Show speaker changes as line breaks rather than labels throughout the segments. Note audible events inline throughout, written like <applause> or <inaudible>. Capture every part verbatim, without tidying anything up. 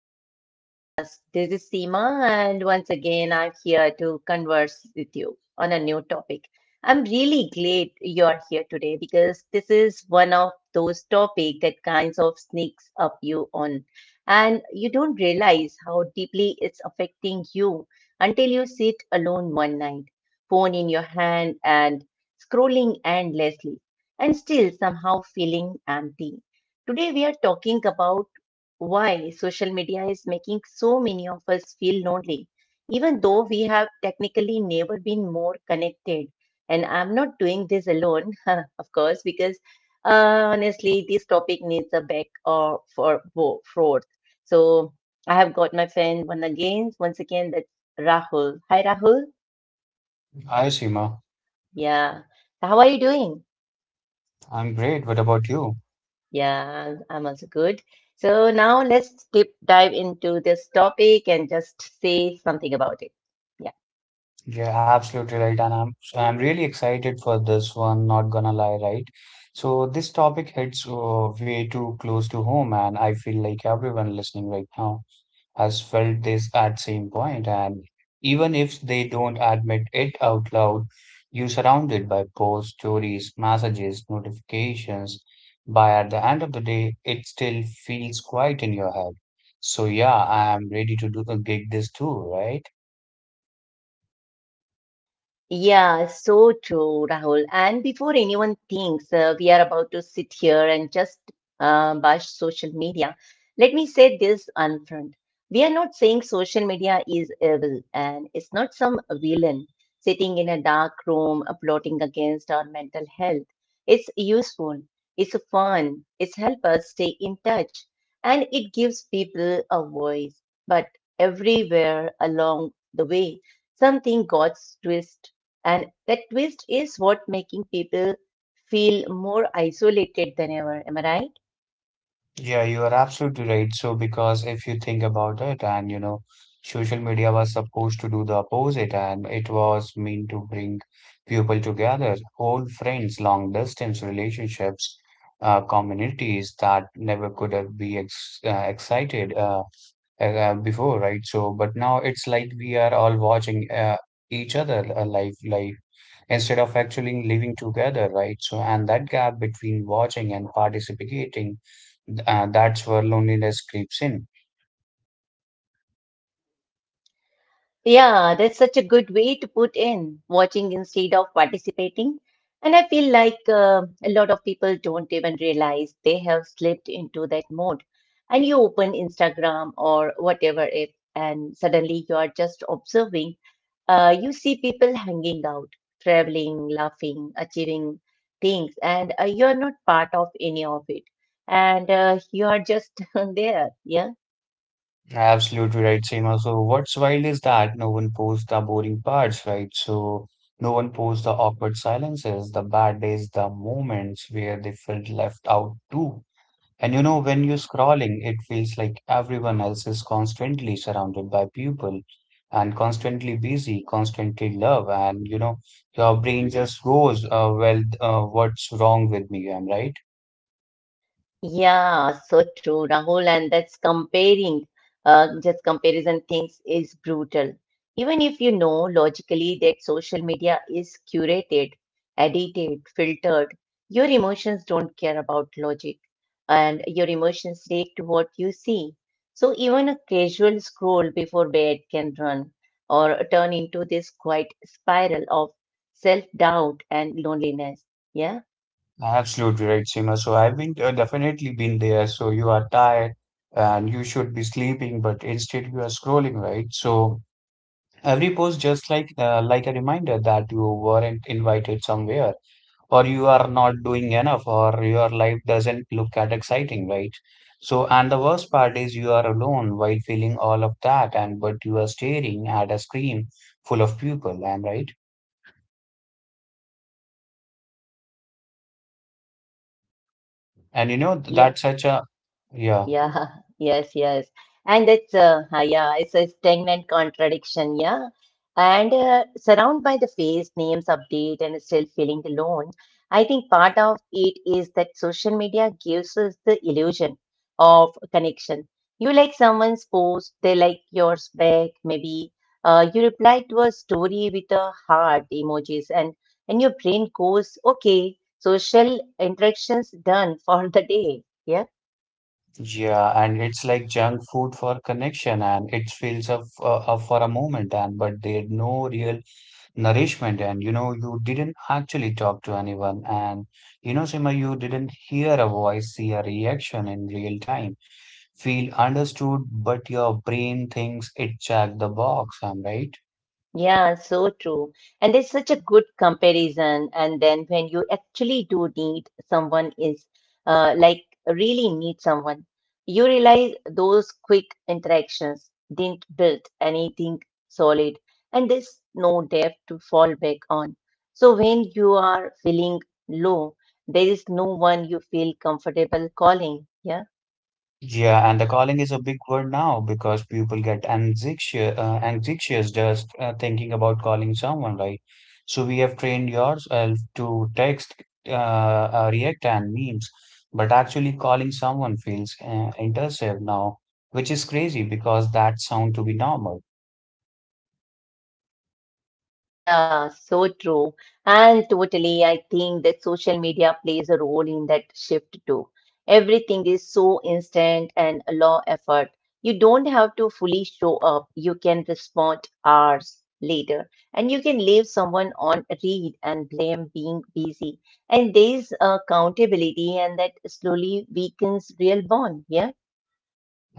to our new podcast. This is Seema, and once again, I'm here to converse with you on a new topic. I'm really glad you are here today because this is one of those topics that kinds of sneaks up you on, and you don't realize how deeply it's affecting you until you sit alone one night phone in your hand and scrolling endlessly and still somehow feeling empty. Today we are talking about why social media is making so many of us feel lonely, even though we have technically never been more connected. And I'm not doing this alone, <laughs> of course, because uh, honestly, this topic needs a back or for bo- forth. So I have got my friend one again, once again, that's Rahul. Hi, Rahul.
Hi, Seema.
Yeah. So how are you doing?
I'm great. What about you?
Yeah, I'm I'm also good. So now let's deep dive into this topic and just say something about it. Yeah.
Yeah, absolutely right. And I'm so I'm really excited for this one, not gonna lie, right? So this topic hits uh, way too close to home, and I feel like everyone listening right now. Has felt this at same point and even if they don't admit it out loud, you surrounded by posts, stories, messages, notifications by at the end of the day it still feels quiet in your head. So yeah, I am ready to do a gig this too, right?
Yeah, so true, Rahul. And before anyone thinks uh, we are about to sit here and just uh, bash social media, let me say this upfront. We are not saying social media is evil and it's not some villain sitting in a dark room uh, plotting against our mental health. It's useful, it's fun, it's help us stay in touch, and it gives people a voice. But everywhere along the way, something got twisted and that twist is what making people feel more isolated than ever. Am I right?
Yeah, you are absolutely right. So, because if you think about it, and you know, social media was supposed to do the opposite, and it was meant to bring people together, old friends, long distance relationships, uh, communities that never could have be ex uh, excited uh, uh, before, right? So, but now it's like we are all watching uh, each other uh, live, live instead of actually living together, right? So, and that gap between watching and participating, uh, that's where loneliness creeps in.
Yeah, that's such a good way to put in watching instead of participating. And I feel like uh, a lot of people don't even realize they have slipped into that mode. And you open Instagram or whatever app, and suddenly you are just observing. Uh, you see people hanging out, traveling, laughing, achieving things, and uh, you're not part of any of it. And uh, you are just <laughs> there. Yeah.
Absolutely right, Seema. So what's wild is that no one posts the boring parts, right? So no one posts the awkward silences, the bad days, the moments where they felt left out too. And you know, when you're scrolling, it feels like everyone else is constantly surrounded by people and constantly busy, constantly love, and you know, your brain just goes, uh, well, uh, what's wrong with me? I'm right.
Yeah, so true, Rahul, and that's comparing, uh, just comparison things is brutal. Even if you know logically that social media is curated, edited, filtered, your emotions don't care about logic, and your emotions react to what you see. So even a casual scroll before bed can run or turn into this quiet spiral of self-doubt and loneliness. Yeah,
Absolutely right, Seema. So I've been uh, definitely been there. So you are tired and you should be sleeping, but instead you are scrolling, right? So every post just like uh, like a reminder that you weren't invited somewhere, or you are not doing enough, or your life doesn't look that exciting, right? So and the worst part is you are alone while feeling all of that, and but you are staring at a screen full of people, am right? And you know
yeah.
that's such a yeah.
Yeah, <laughs> yes, yes. And it's uh, uh, yeah, it's a stagnant contradiction, yeah. And uh, surrounded by the face names update and still feeling alone. I think part of it is that social media gives us the illusion of connection. You like someone's post, they like yours back, maybe. Uh, you reply to a story with a heart emojis, and and your brain goes, okay, social interactions done for the day. Yeah.
Yeah, and it's like junk food for connection, and it fills up, uh, up for a moment, and but they had no real nourishment, and you know you didn't actually talk to anyone, and you know Sima, you didn't hear a voice, see a reaction in real time, feel understood, but your brain thinks it checked the box. I'm right.
Yeah, so true. And it's such a good comparison. And then when you actually do need someone is uh, like really need someone, you realize those quick interactions didn't build anything solid and there's no depth to fall back on. So when you are feeling low, there is no one you feel comfortable calling. Yeah.
Yeah, and the calling is a big word now because people get anxious, uh, anxious just uh, thinking about calling someone, right? So we have trained yourself to text, uh, uh, react, and memes, but actually calling someone feels uh, intrusive now, which is crazy because that sound to be normal.
Yeah, so true. And totally, I think that social media plays a role in that shift too. Everything is so instant and low effort. You don't have to fully show up. You can respond hours later, and you can leave someone on read and blame being busy. And there is accountability, and that slowly weakens real bond. Yeah.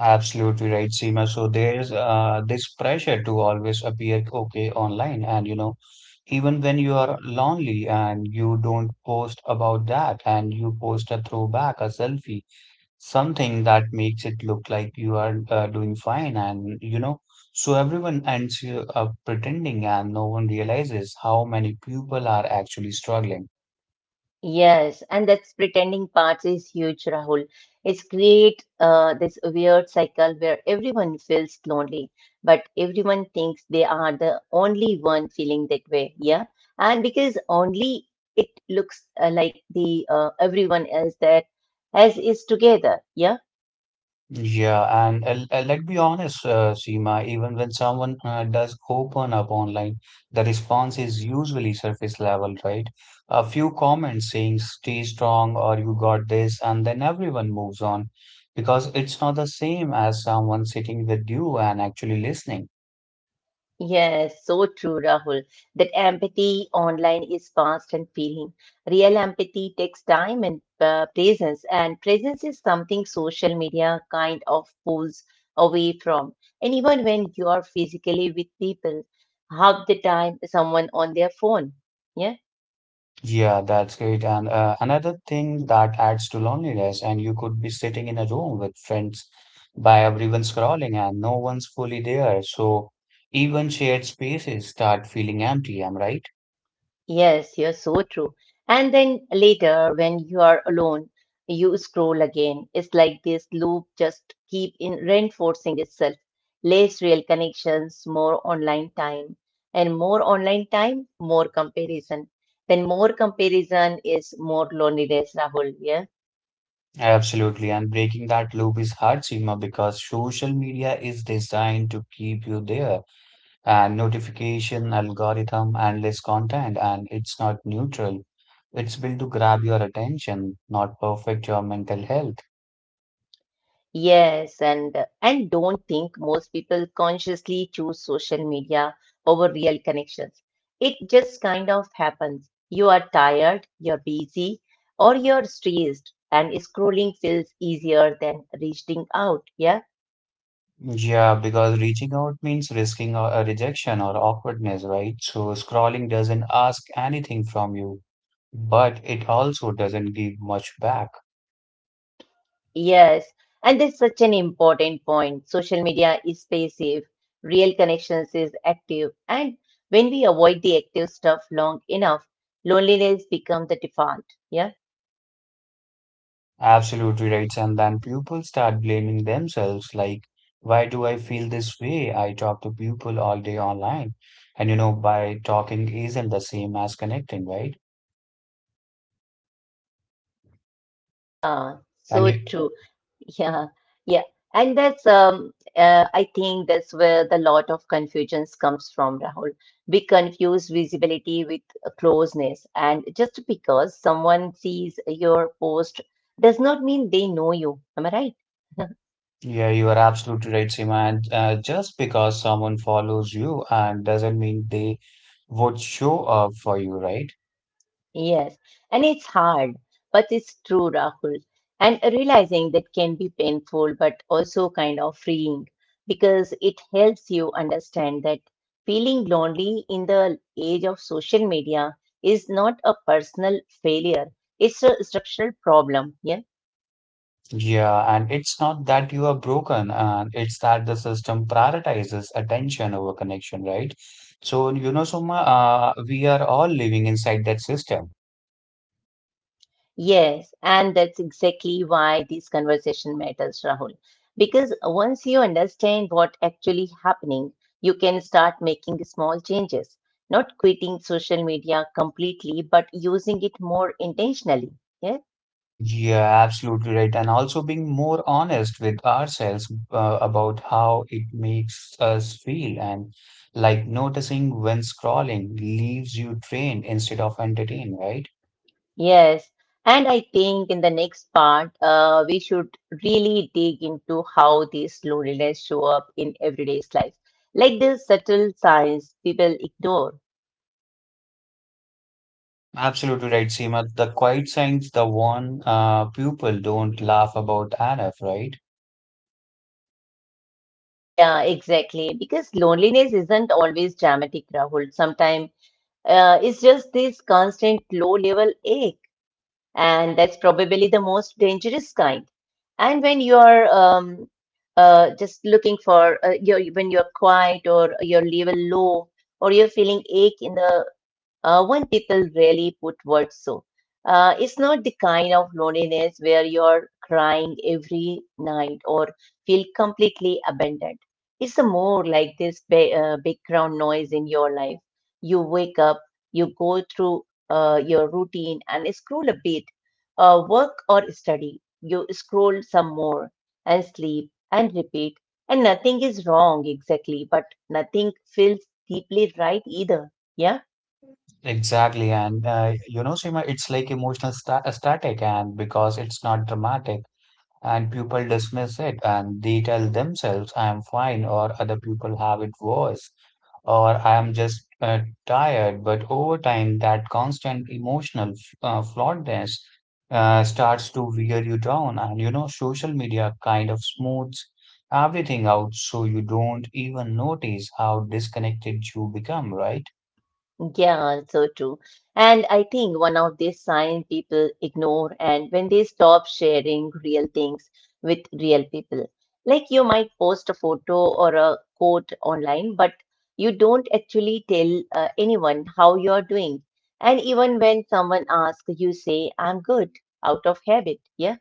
Absolutely right, Seema. So there's uh, this pressure to always appear okay online, and you know, even when you are lonely and you don't post about that, and you post a throwback, a selfie, something that makes it look like you are uh, doing fine, and you know, so everyone ends you up pretending, and no one realizes how many people are actually struggling.
Yes, and that's pretending parts is huge, Rahul. It's create uh, this weird cycle where everyone feels lonely, but everyone thinks they are the only one feeling that way. Yeah, and because only it looks uh, like the uh, everyone else that as is together. Yeah.
Yeah, and uh, uh, let's be honest, uh, Seema, even when someone uh, does open up online, the response is usually surface level, right? A few comments saying stay strong or you got this, and then everyone moves on because it's not the same as someone sitting with you and actually listening.
Yes, so true, Rahul. That empathy online is fast and feeling. Real empathy takes time and uh, presence, and presence is something social media kind of pulls away from. And even when you are physically with people, half the time someone on their phone. Yeah.
Yeah, that's great. And uh, another thing that adds to loneliness, and you could be sitting in a room with friends by everyone scrolling and no one's fully there. So even shared spaces start feeling empty, am I right?
Yes, you're so true. And then later, when you are alone, you scroll again. It's like this loop just keep in reinforcing itself. Less real connections, more online time, and more online time, more comparison. Then more comparison is more loneliness, Rahul. Yeah.
Absolutely. And breaking that loop is hard, Seema, because social media is designed to keep you there. And notification, algorithm, endless content, and it's not neutral. It's built to grab your attention, not perfect your mental health.
Yes, and and don't think most people consciously choose social media over real connections. It just kind of happens. You are tired, you're busy, or you're stressed, and scrolling feels easier than reaching out. Yeah?
Yeah, because reaching out means risking a a rejection or awkwardness, right? So scrolling doesn't ask anything from you, but it also doesn't give much back.
Yes. And that's such an important point. Social media is passive, real connections is active, and when we avoid the active stuff long enough, loneliness becomes the default. Yeah?
Absolutely right. And then people start blaming themselves, like, why do I feel this way? I talk to people all day online. And you know, by talking isn't the same as connecting, right?
Yeah,
And
so
you,
true. Yeah, yeah. And that's um uh, I think that's where the lot of confusions comes from, Rahul. We confuse visibility with closeness, and just because someone sees your post does not mean they know you. Am I right? <laughs>
yeah, you are absolutely right, Seema. And uh, just because someone follows you and doesn't mean they would show up for you, right?
Yes, and it's hard, but it's true, Rahul. And realizing that can be painful, but also kind of freeing because it helps you understand that feeling lonely in the age of social media is not a personal failure, it's a structural problem. Yeah.
Yeah, and it's not that you are broken, and it's that the system prioritizes attention over connection, right? So, you know, Soma, uh, we are all living inside that system.
Yes, and that's exactly why this conversation matters, Rahul. Because once you understand what actually happening, you can start making small changes, not quitting social media completely, but using it more intentionally. Yeah?
Yeah, absolutely right. And also being more honest with ourselves uh, about how it makes us feel and like noticing when scrolling leaves you drained instead of entertained, right?
Yes. And I think in the next part, uh, we should really dig into how these loneliness show up in everyday's life, like the subtle signs people ignore.
Absolutely right, Seema. The quiet signs, the one uh, people don't laugh about enough, right?
Yeah, exactly. Because loneliness isn't always dramatic, Rahul. Sometimes uh, it's just this constant low level ache, and that's probably the most dangerous kind. And when you're um, uh, just looking for, uh, you're, when you're quiet or your level low, or you're feeling ache in the uh, when people really put words so. Uh, it's not the kind of loneliness where you're crying every night or feel completely abandoned. It's a more like this ba- uh, background noise in your life. You wake up, you go through uh, your routine and scroll a bit, uh, work or study. You scroll some more and sleep and repeat. And nothing is wrong exactly, but nothing feels deeply right either. Yeah.
Exactly. And uh, you know, Seema, it's like emotional sta static and because it's not dramatic and people dismiss it and they tell themselves I am fine or other people have it worse or I am just uh, tired. But over time, that constant emotional f- uh, flawedness uh, starts to wear you down. And you know, social media kind of smooths everything out so you don't even notice how disconnected you become, right?
Yeah, so true. And I think one of these signs people ignore and when they stop sharing real things with real people. Like you might post a photo or a quote online, but you don't actually tell uh, anyone how you're doing. And even when someone asks, you say, I'm good out of habit. Yeah.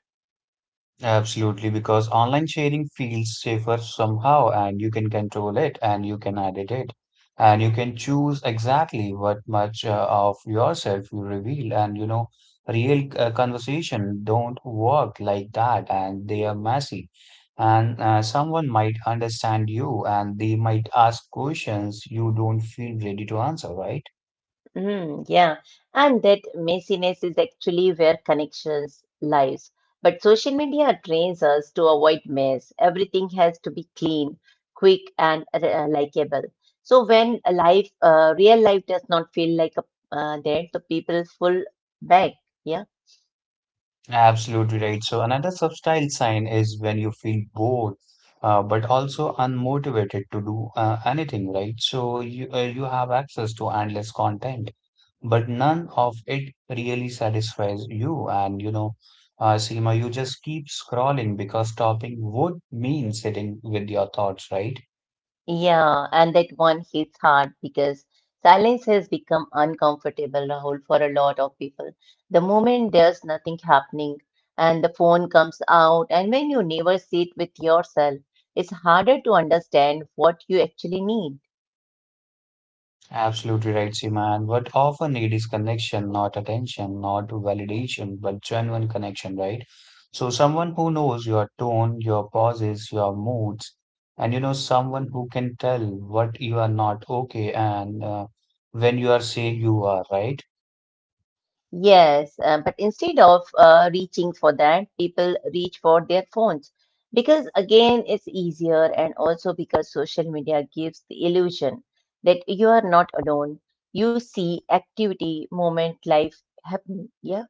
Absolutely, because online sharing feels safer somehow, and you can control it, and you can edit it, and you can choose exactly what much uh, of yourself you reveal. And you know, real uh, conversation don't work like that, and they are messy. And uh, someone might understand you, and they might ask questions you don't feel ready to answer, right?
Mm, yeah, and that messiness is actually where connections lies. But social media trains us to avoid mess. Everything has to be clean, quick, and uh, likable. So when a life, uh, real life does not feel like a, uh, that, the people fall back. Yeah.
Absolutely right. So another subtle sign is when you feel bored, uh, but also unmotivated to do uh, anything, right? So you uh, you have access to endless content, but none of it really satisfies you. And you know, uh, Seema, you just keep scrolling because stopping would mean sitting with your thoughts, right?
Yeah, and that one hits hard because silence has become uncomfortable, Rahul, for a lot of people. The moment there's nothing happening and the phone comes out, and when you never sit with yourself, it's harder to understand what you actually need.
Absolutely right, Seema. And what often need is connection, not attention, not validation, but genuine connection, right? So someone who knows your tone, your pauses, your moods, and you know, someone who can tell what you are not okay and uh, when you are saying you are, right?
Yes, uh, but instead of uh, reaching for that, people reach for their phones because, again, it's easier and also because social media gives the illusion that you are not alone. You see activity, moment, life happening. Yeah.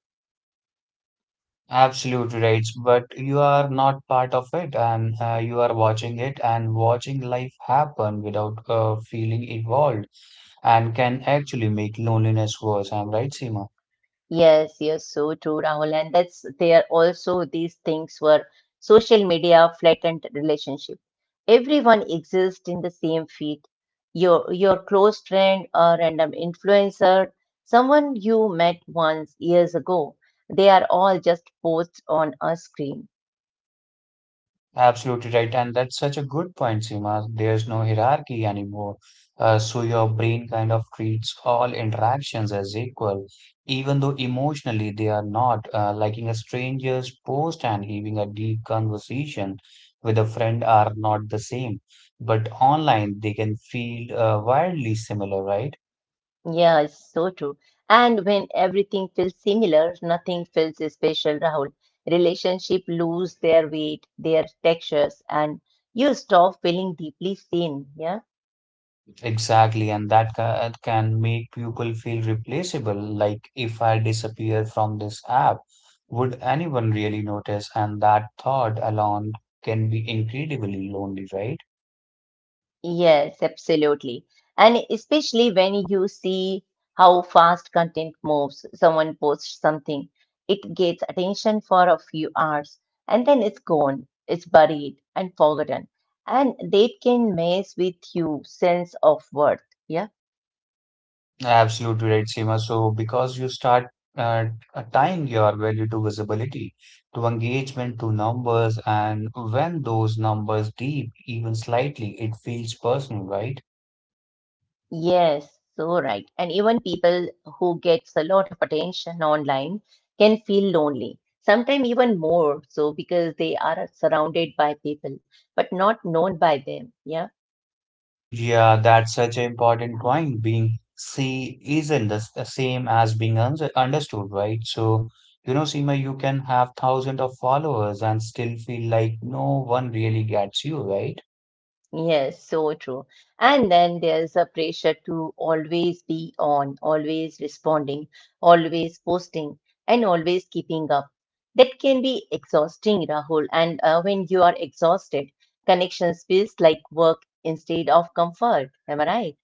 Absolutely right. But you are not part of it and uh, you are watching it and watching life happen without uh, feeling involved and can actually make loneliness worse. I'm right, Seema.
Yes, yes, so true, Rahul. And that's there also these things were social media flattened relationship. Everyone exists in the same feed. Your your close friend or random influencer, someone you met once years ago. They are all just posts on a screen.
Absolutely right. And that's such a good point, Seema. There's no hierarchy anymore. Uh, so your brain kind of treats all interactions as equal, even though emotionally they are not, uh, liking a stranger's post and having a deep conversation with a friend are not the same. But online, they can feel uh, wildly similar, right?
Yeah, it's so true. And when everything feels similar, nothing feels special, Rahul. Relationship lose their weight, their textures, and you stop feeling deeply seen. Yeah.
Exactly, and that ca- can make people feel replaceable. Like, if I disappear from this app, would anyone really notice? And that thought alone can be incredibly lonely, right?
Yes, absolutely. And especially when you see how fast content moves, someone posts something, it gets attention for a few hours, and then it's gone, it's buried and forgotten. And that can mess with you sense of worth. Yeah.
Absolutely right, Seema. So, because you start uh, uh, tying your value to visibility, to engagement, to numbers, and when those numbers deep, even slightly, it feels personal, right?
Yes, so right. And even people who gets a lot of attention online can feel lonely. Sometimes even more so because they are surrounded by people, but not known by them. Yeah.
Yeah, that's such an important point. Being see isn't the, s- the same as being un understood, right? So, you know, Seema, you can have thousands of followers and still feel like no one really gets you, right?
Yes, so true. And then there's a pressure to always be on, always responding, always posting, and always keeping up. That can be exhausting, Rahul. And uh, when you are exhausted, connections feels like work instead of comfort. Am I right?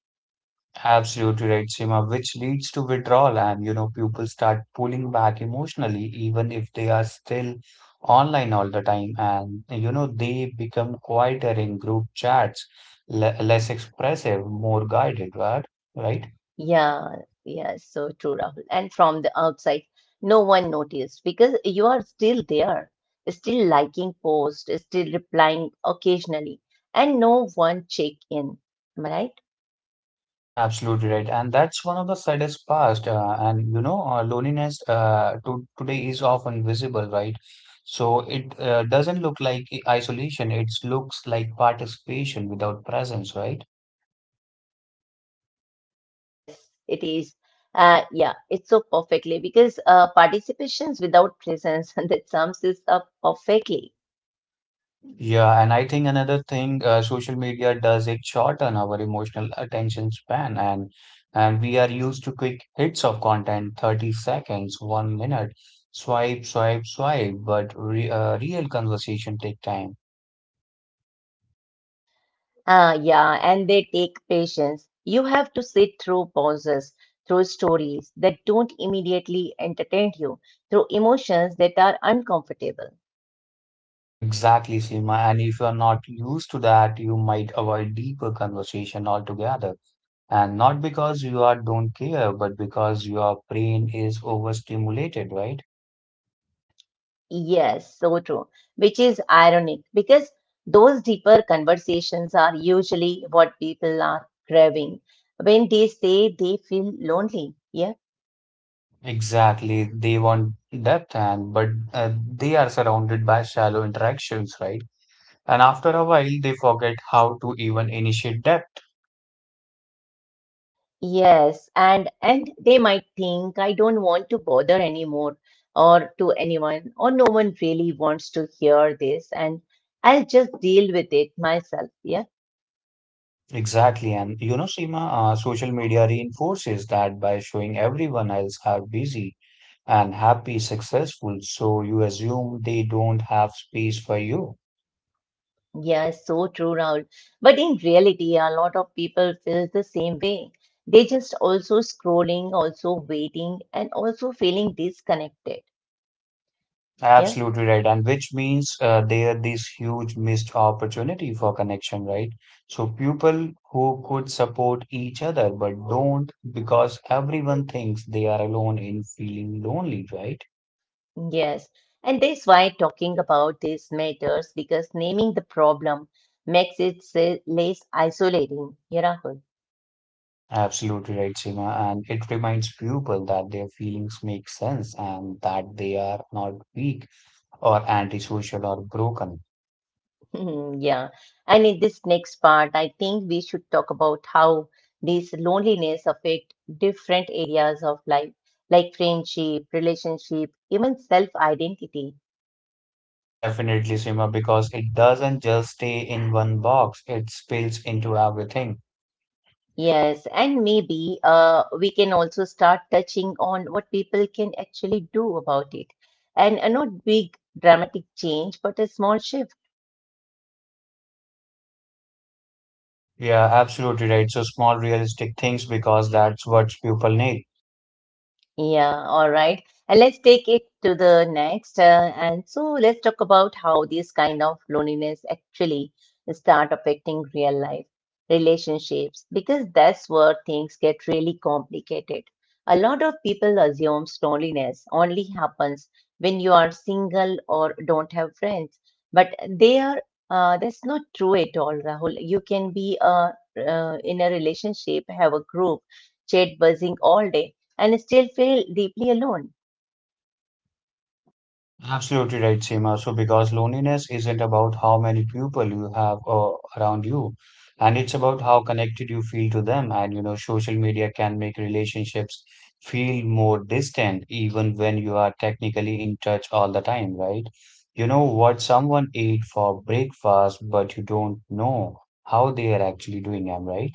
Absolutely right, Seema, which leads to withdrawal and, you know, people start pulling back emotionally, even if they are still online all the time. And, you know, they become quieter in group chats, le less expressive, more guided, right? Right?
Yeah, yeah, so true, Rahul. And from the outside, no one noticed because you are still there, still liking posts, still replying occasionally, and no one check in. Am I right?
Absolutely right, and that's one of the saddest past. Uh, and you know, uh, loneliness uh, to today is often visible, right? So it uh, doesn't look like i- isolation; it looks like participation without presence, right?
Yes, it is. Uh, yeah, it's so perfectly because uh, participations without presence, <laughs> and that sums this up perfectly.
Yeah, and I think another thing, uh, social media does it shorten our emotional attention span, and and we are used to quick hits of content, thirty seconds, one minute, swipe, swipe, swipe. But re uh, real conversation take time.
Ah, yeah, and they take patience. You have to sit through pauses, through stories that don't immediately entertain you, through emotions that are uncomfortable.
Exactly, Seema. And if you're not used to that, you might avoid deeper conversation altogether. And not because you are don't care, but because your brain is overstimulated, right?
Yes, so true. Which is ironic because those deeper conversations are usually what people are craving when they say they feel lonely. Yeah.
Exactly. They want depth and but uh, they are surrounded by shallow interactions, right? And after a while, they forget how to even initiate depth.
Yes, and and they might think, "I don't want to bother anymore or to anyone, or no one really wants to hear this and I'll just deal with it myself." Yeah.
Exactly. And you know, Seema, uh, social media reinforces that by showing everyone else how busy and happy, successful. So you assume they don't have space for you.
Yeah, so true, Rahul. But in reality, a lot of people feel the same way. They just also scrolling, also waiting, and also feeling disconnected. Yeah.
Absolutely right. And which means uh, there this huge missed opportunity for connection, right? So people who could support each other but don't because everyone thinks they are alone in feeling lonely, right?
Yes, and that's why talking about this matters, because naming the problem makes it se- less isolating. Yeah, Rahul.
Absolutely right, Seema. And it reminds people that their feelings make sense and that they are not weak or antisocial or broken.
<laughs> Yeah. And in this next part, I think we should talk about how this loneliness affect different areas of life, like friendship, relationship, even self-identity.
Definitely, Seema, because it doesn't just stay in one box, it spills into everything.
Yes, and maybe uh, we can also start touching on what people can actually do about it. And uh, not big dramatic change, but a small shift.
Yeah, absolutely right. So small realistic things because that's what people need.
Yeah, all right. And let's take it to the next. Uh, and so let's talk about how this kind of loneliness actually start affecting real life relationships, because that's where things get really complicated. A lot of people assume loneliness only happens when you are single or don't have friends, but they are, uh, that's not true at all, Rahul. You can be uh, uh, in a relationship, have a group, chat buzzing all day, and still feel deeply alone.
Absolutely right, Seema. So, because loneliness isn't about how many people you have uh, around you, and it's about how connected you feel to them. And you know, social media can make relationships feel more distant, even when you are technically in touch all the time, right? You know what someone ate for breakfast, but you don't know how they are actually doing, am I right?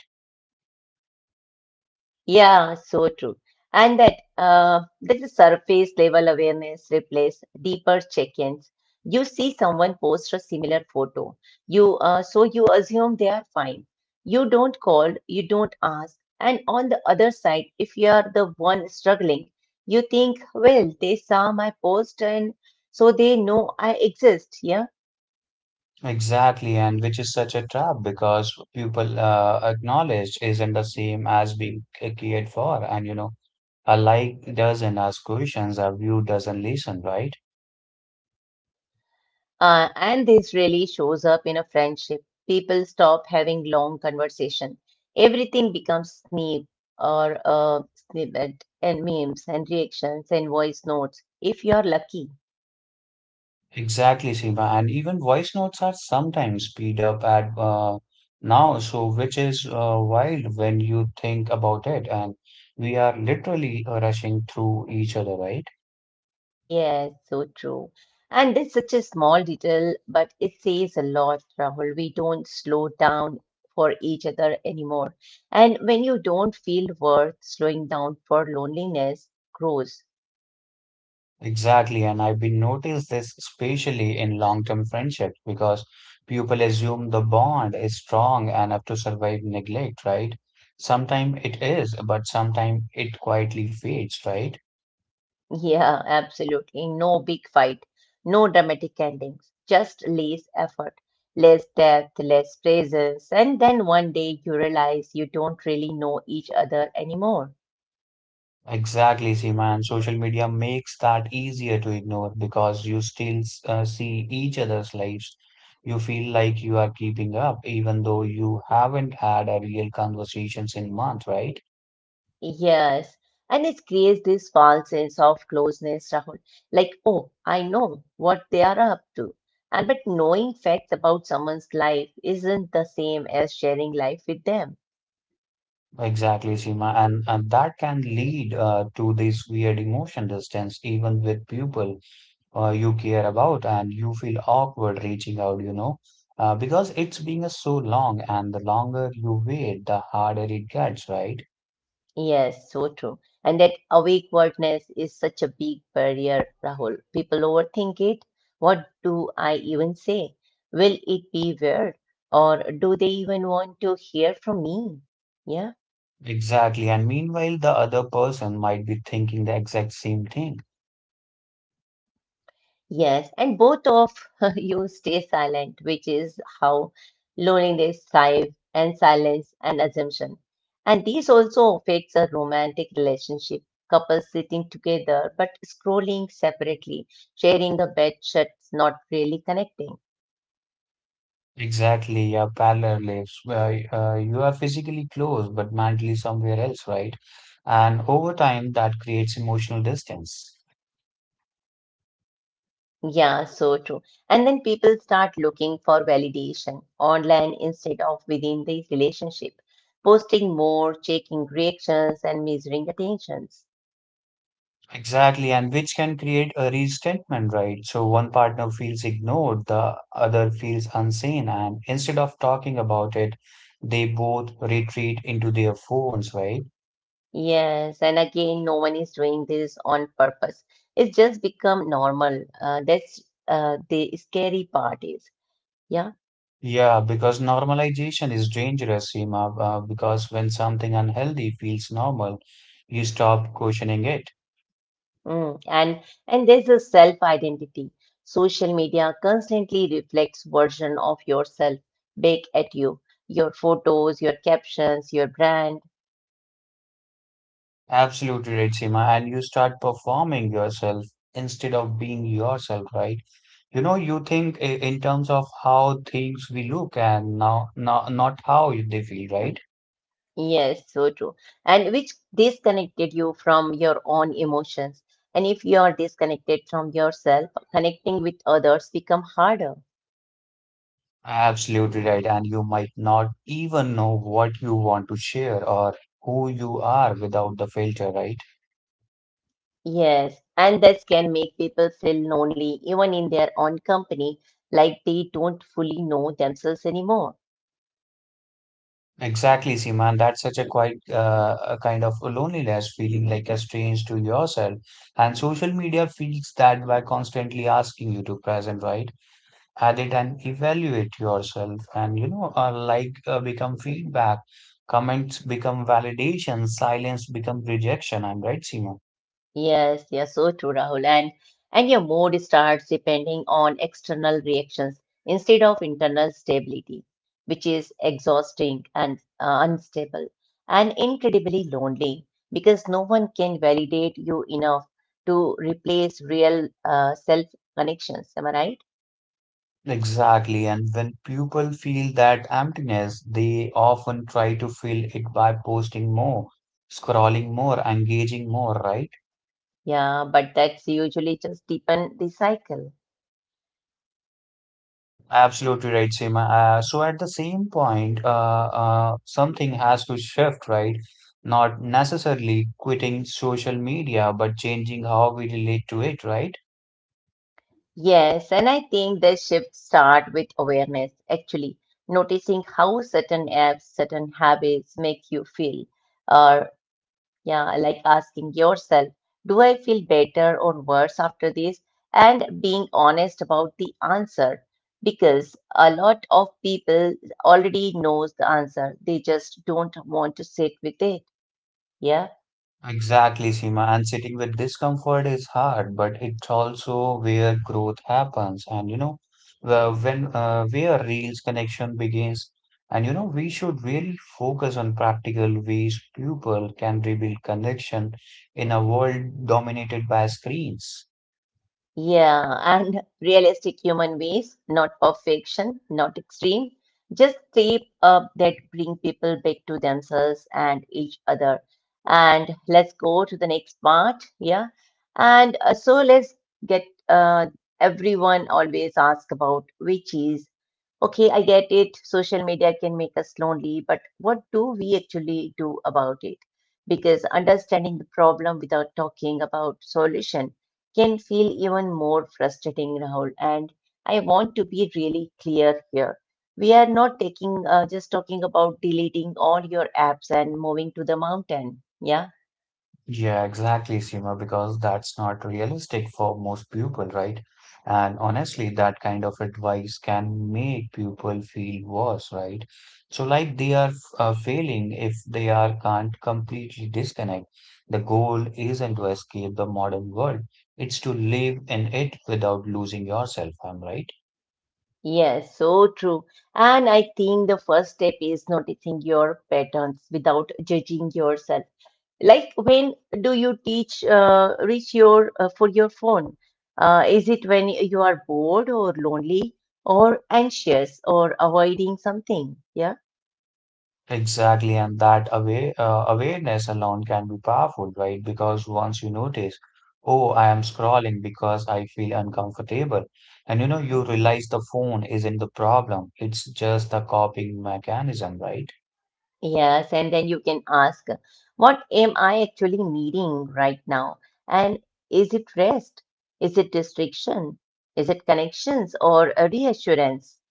Yeah, so true. And that uh, that the surface level awareness replace deeper check-ins. You see someone post a similar photo. You uh, so you assume they are fine. You don't call, you don't ask. And on the other side, if you are the one struggling, you think, well, they saw my post and so they know I exist. Yeah.
Exactly, and which is such a trap because people uh, acknowledged isn't the same as being c- cared for, and you know. A like doesn't ask questions, a view doesn't listen, right?
Uh, and this really shows up in a friendship. People stop having long conversation. Everything becomes snip or uh, snippet and memes and reactions and voice notes. If you are lucky.
Exactly, Seema. And even voice notes are sometimes speed up at uh, now, so which is uh, wild when you think about it. And we are literally rushing through each other, right?
Yes, so true. And it's such a small detail, but it says a lot, Rahul. We don't slow down for each other anymore. And when you don't feel worth slowing down for, loneliness grows.
Exactly. And I've been noticed this especially in long-term friendships because people assume the bond is strong enough to survive neglect, right? Sometimes it is, but sometimes it quietly fades, right?
Yeah, absolutely. No big fight, no dramatic endings, just less effort, less depth, less presence. And then one day you realize you don't really know each other anymore.
Exactly, Seema, and social media makes that easier to ignore because you still uh, see each other's lives. You feel like you are keeping up, even though you haven't had a real conversations in month, right?
Yes, and it creates this false sense of closeness, Rahul. Like, oh, I know what they are up to. And but knowing facts about someone's life isn't the same as sharing life with them.
Exactly, Seema, and, and that can lead uh, to this weird emotion distance, even with people uh, you care about, and you feel awkward reaching out, you know, uh, because it's been a so long, and the longer you wait, the harder it gets, right?
Yes, so true. And that awake awakeness is such a big barrier, Rahul. People overthink it. What do I even say? Will it be weird? Or do they even want to hear from me? Yeah.
Exactly. And meanwhile, the other person might be thinking the exact same thing.
Yes, and both of <laughs> you stay silent, which is how loneliness thrives, and silence and assumption. And these also affects a romantic relationship. Couples sitting together but scrolling separately, sharing the bed sheets, not really connecting.
Exactly. Yeah, parallel lives. Where uh, you are physically close, but mentally somewhere else, right? And over time, that creates emotional distance.
Yeah, so true. And then people start looking for validation online instead of within the relationship, posting more, checking reactions, and measuring attentions.
Exactly. And which can create a resentment, right? So one partner feels ignored, the other feels unseen. And instead of talking about it, they both retreat into their phones, right?
Yes, and again, no one is doing this on purpose. It's just become normal. Uh, that's uh, The scary part is, yeah.
Yeah, because normalization is dangerous, Seema, uh, because when something unhealthy feels normal, you stop questioning it.
Mm. And and there's a self-identity. Social media constantly reflects version of yourself back at you. Your photos, your captions, your brand.
Absolutely right, Seema, and you start performing yourself instead of being yourself, right? You know, you think i- in terms of how things we look and now, now not how they feel, right?
Yes, so true. And which disconnected you from your own emotions. And if you are disconnected from yourself, connecting with others become harder.
Absolutely right, and you might not even know what you want to share or who you are without the filter, right?
Yes, and this can make people feel lonely even in their own company, like they don't fully know themselves anymore.
Exactly, Seema, and that's such a quite uh, a kind of loneliness, feeling like a estranged to yourself. And social media feeds that by constantly asking you to present, right? Edit and evaluate yourself, and you know, uh, like uh, become feedback, comments become validation, silence become rejection. I'm right, Seema.
Yes, you're so true, Rahul. And and your mood starts depending on external reactions instead of internal stability, which is exhausting and uh, unstable and incredibly lonely, because no one can validate you enough to replace real uh, self connections. Am I right?
Exactly, and when people feel that emptiness, they often try to fill it by posting more, scrolling more, engaging more, right?
Yeah, but that's usually just deepen the cycle.
Absolutely right, Seema. Uh, so at the same point, uh, uh, something has to shift, right? Not necessarily quitting social media, but changing how we relate to it, right?
Yes, and I think the shift start with awareness, actually, noticing how certain apps, certain habits make you feel. Or, yeah, like asking yourself, do I feel better or worse after this? And being honest about the answer, because a lot of people already knows the answer. They just don't want to sit with it. Yeah.
Exactly, Seema. And sitting with discomfort is hard, but it's also where growth happens. And you know, where- when uh, where real connection begins. And you know, we should really focus on practical ways people can rebuild connection in a world dominated by screens.
Yeah, and realistic human ways, not perfection, not extreme, just shape up that bring people back to themselves and each other. And let's go to the next part. Yeah, and uh, so let's get uh, everyone always ask about which is okay. I get it. Social media can make us lonely, but what do we actually do about it? Because understanding the problem without talking about solution can feel even more frustrating, Rahul. And I want to be really clear here. We are not taking uh, just talking about deleting all your apps and moving to the mountain. Yeah.
Yeah, exactly, Seema, because that's not realistic for most people, right? And honestly, that kind of advice can make people feel worse, right? So, like they are uh, failing if they are can't completely disconnect. The goal isn't to escape the modern world, it's to live in it without losing yourself. I'm right.
Yes, so true. And I think the first step is noticing your patterns without judging yourself. Like, when do you teach uh, reach your uh, for your phone? Uh, is it when you are bored or lonely or anxious or avoiding something? Yeah.
Exactly, and that away, uh, awareness alone can be powerful, right? Because once you notice, oh, I am scrolling because I feel uncomfortable, and you know, you realize the phone isn't the problem, it's just the coping mechanism, right?
Yes, and then you can ask, what am I actually needing right now? And is it rest? Is it restriction? Is it connections or a reassurance?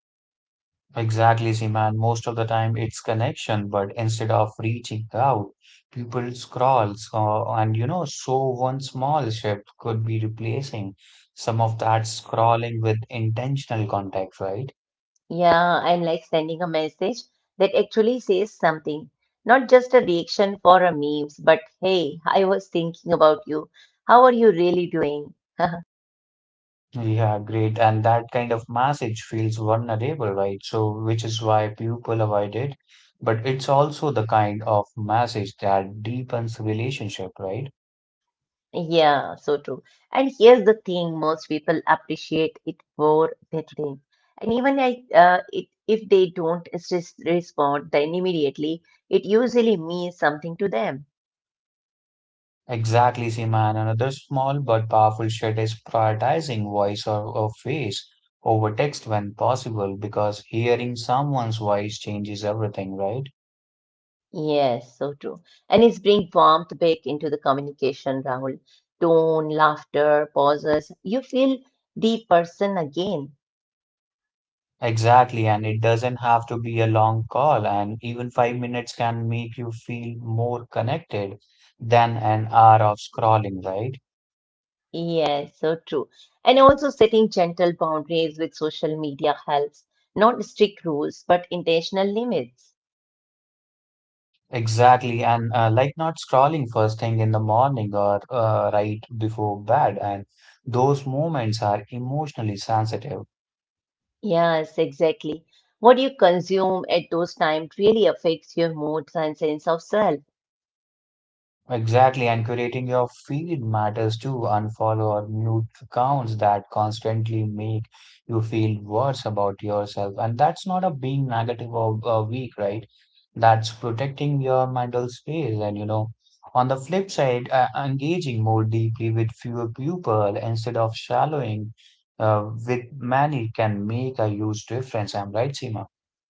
Exactly, Seema, and most of the time it's connection, but instead of reaching out, people scrolls, uh, and you know, so one small shift could be replacing some of that scrolling with intentional context, right?
Yeah, I'm like sending a message that actually says something, not just a reaction for a memes, but, "Hey, I was thinking about you. How are you really doing?" <laughs>
Yeah, great. And that kind of message feels vulnerable, right? So, which is why people avoid it. But it's also the kind of message that deepens relationship, right?
Yeah, so true. And here's the thing, most people appreciate it for deadline. And even I, uh, it, if they don't res respond then immediately, it usually means something to them.
Exactly, Seema. And another small but powerful shift is prioritizing voice or, or face over text when possible, because hearing someone's voice changes everything, right?
Yes, so true. And it's bring warmth back into the communication, Rahul. Tone, laughter, pauses. You feel the person again.
Exactly, and it doesn't have to be a long call, and even five minutes can make you feel more connected than an hour of scrolling, right?
Yes, so true. And also setting gentle boundaries with social media helps. Not strict rules, but intentional limits.
Exactly, and uh, like not scrolling first thing in the morning or uh, right before bed, and those moments are emotionally sensitive.
Yes, exactly. What you consume at those times really affects your moods and sense of self.
Exactly, and curating your feed matters too. Unfollow or mute accounts that constantly make you feel worse about yourself. And that's not a being negative or uh, weak, right? That's protecting your mental space. And you know, on the flip side, uh, engaging more deeply with fewer people instead of shallowing uh, with many can make a huge difference. I'm right, Seema?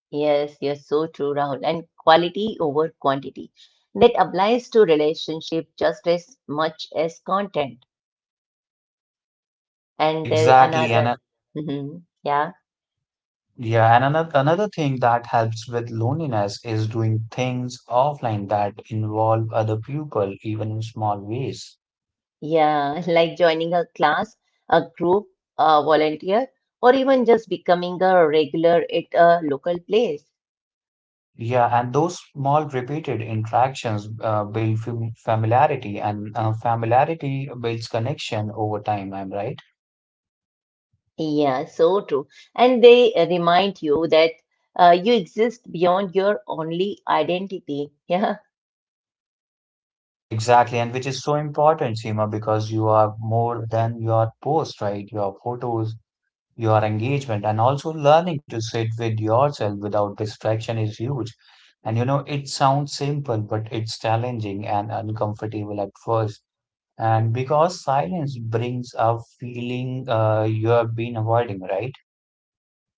Yes, you're so true, Rahul. And quality over quantity. That applies to relationship just as much as content. And there
Exactly,
another,
and
mhm. Yeah,
yeah, and another another thing that helps with loneliness is doing things offline that involve other people, even in small ways.
yeah, <laughs> like joining a class, a group, a volunteer, or even just becoming a regular at a local place.
Yeah, and those small repeated interactions uh, build fam- familiarity, and uh, familiarity builds connection over time. I'm right?
Yeah, so true. And they uh, remind you that uh, you exist beyond your only identity. <laughs> Yeah,
Exactly, and which is so important, Seema, because you are more than your post, right? Your photos, your engagement and also learning to sit with yourself without distraction is huge. And you know, it sounds simple, but it's challenging and uncomfortable at first. And because silence brings a feeling uh, you have been avoiding, right?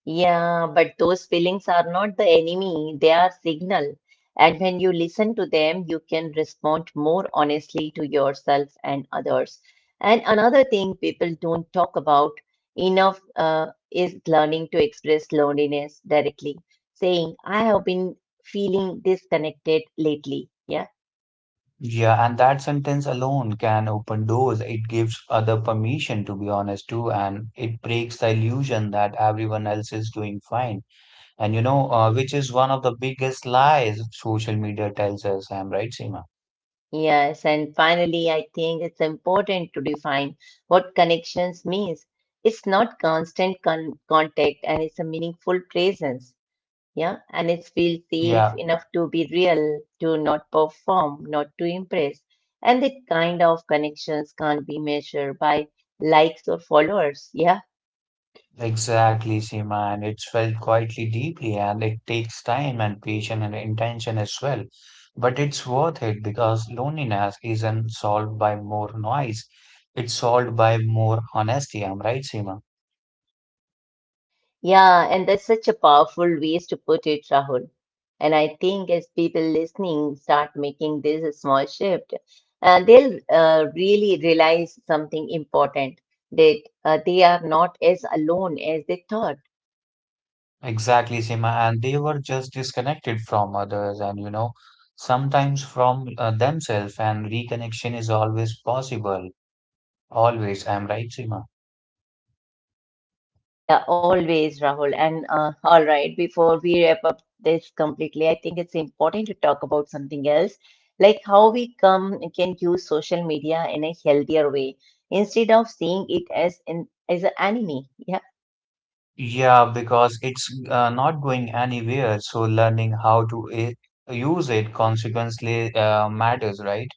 yeah, but those feelings are not the enemy, they are signal. And when you listen to them, you can respond more honestly to yourself and others. And another thing people don't talk about enough uh, is learning to express loneliness directly, saying, I have been feeling disconnected lately. Yeah.
Yeah, and that sentence alone can open doors. It gives other permission, to be honest, too, and it breaks the illusion that everyone else is doing fine. And you know, uh, which is one of the biggest lies social media tells us, I'm right, Seema?
Yes, and finally, I think it's important to define what connections means. It's not constant con- contact, and it's a meaningful presence. Yeah, and it's feel safe
Yeah,
enough to be real, to not perform, not to impress. And that kind of connections can't be measured by likes or followers. Yeah,
exactly, Seema, and it's felt quietly deeply, and it takes time and patience and intention as well. But it's worth it because loneliness isn't solved by more noise. It's solved by more honesty. I'm right, Seema.
yeah, and that's such a powerful ways to put it, Rahul. And I think as people listening start making this small shift, uh, they'll uh, really realize something important, that uh, they are not as alone as they thought.
Exactly, Seema. And they were just disconnected from others and, you know, sometimes from uh, themselves, and reconnection is always possible. Always. I'm right, Seema.
Yeah, always, Rahul. And uh, all right, before we wrap up this completely, I think it's important to talk about something else, like how we come can use social media in a healthier way instead of seeing it as an as an enemy. Yeah.
Yeah, because it's uh, not going anywhere, so learning how to i- use it consequently uh, matters, right?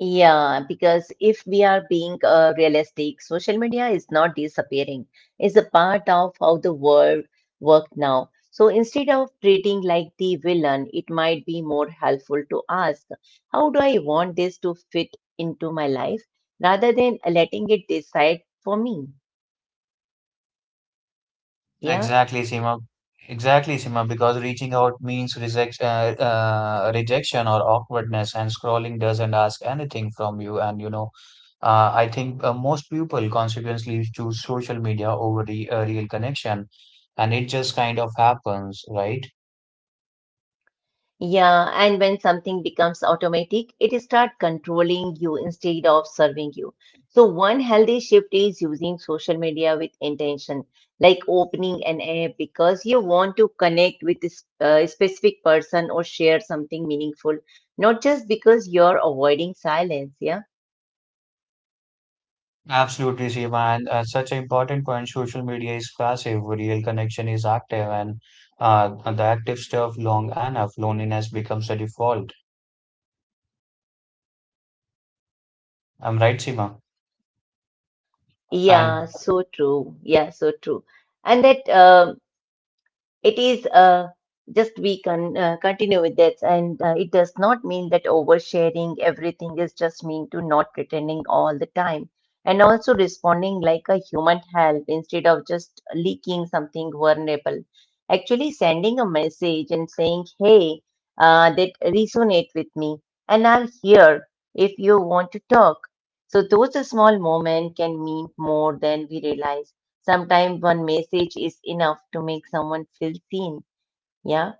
Yeah, because if we are being uh, realistic, social media is not disappearing. It's a part of how the world work now. So instead of treating like the villain, it might be more helpful to ask, how do I want this to fit into my life rather than letting it decide for me? Yeah.
Exactly, Seema. Exactly, Seema, because reaching out means reject, uh, uh, rejection or awkwardness, and scrolling doesn't ask anything from you. And you know, uh, I think uh, most people consequently choose social media over the uh, real connection, and it just kind of happens, right?
Yeah, and when something becomes automatic, it starts controlling you instead of serving you. So, one healthy shift is using social media with intention, like opening an app because you want to connect with this uh, specific person or share something meaningful, not just because you're avoiding silence. Yeah.
Absolutely, Seema, and uh, such an important point. Social media is passive, real connection is active, and uh, the active stuff long enough, loneliness becomes a default. I'm right, Seema.
Yeah,
And
so true. Yeah, so true. And that um It is uh, just We can uh, continue with that, and uh, it does not mean that oversharing everything is just mean to not pretending all the time, and also responding like a human help instead of just leaking something vulnerable. Actually, sending a message and saying, "Hey, uh, that resonate with me, and I'm here if you want to talk." So those small moments can mean more than we realize. Sometimes one message is enough to make someone feel seen. Yeah.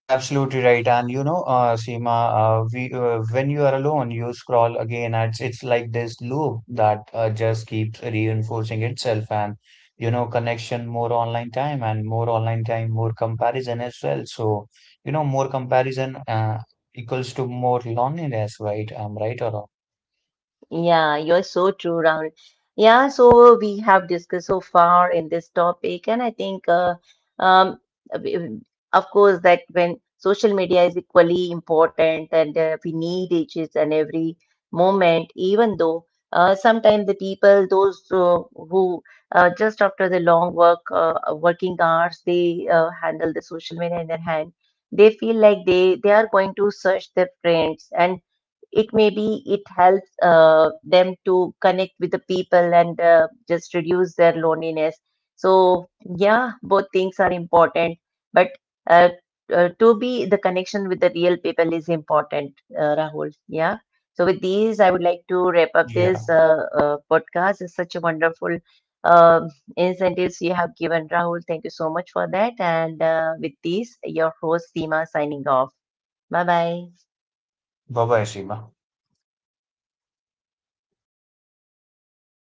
absolutely right. And you know, uh, Seema, uh, we uh, when you are alone, you scroll again. And it's, it's like this loop that uh, just keeps reinforcing itself. And you know, connection, more online time, and more online time, more comparison as well. So you know, more comparison uh, equals to more loneliness, right? I'm right or wrong?
Yeah, you're so true, Rahul. Yeah, so we have discussed so far in this topic, and I think, uh, um, w- of course, that when social media is equally important, and uh, we need each is and every moment, even though uh, sometimes the people, those uh, who uh, just after the long work, uh, working hours, they uh, handle the social media in their hand, they feel like they, they are going to search their friends, and it maybe it helps uh, them to connect with the people and uh, just reduce their loneliness. So, yeah, both things are important, but uh, uh, to be the connection with the real people is important, uh, Rahul. Yeah. So with these, I would like to wrap up
Yeah.
this uh, uh, podcast. It's such a wonderful, um, incentives you have given, Rahul. Thank you so much for that. And uh, with these, your host Seema signing off. Bye bye.
Bye bye, Seema.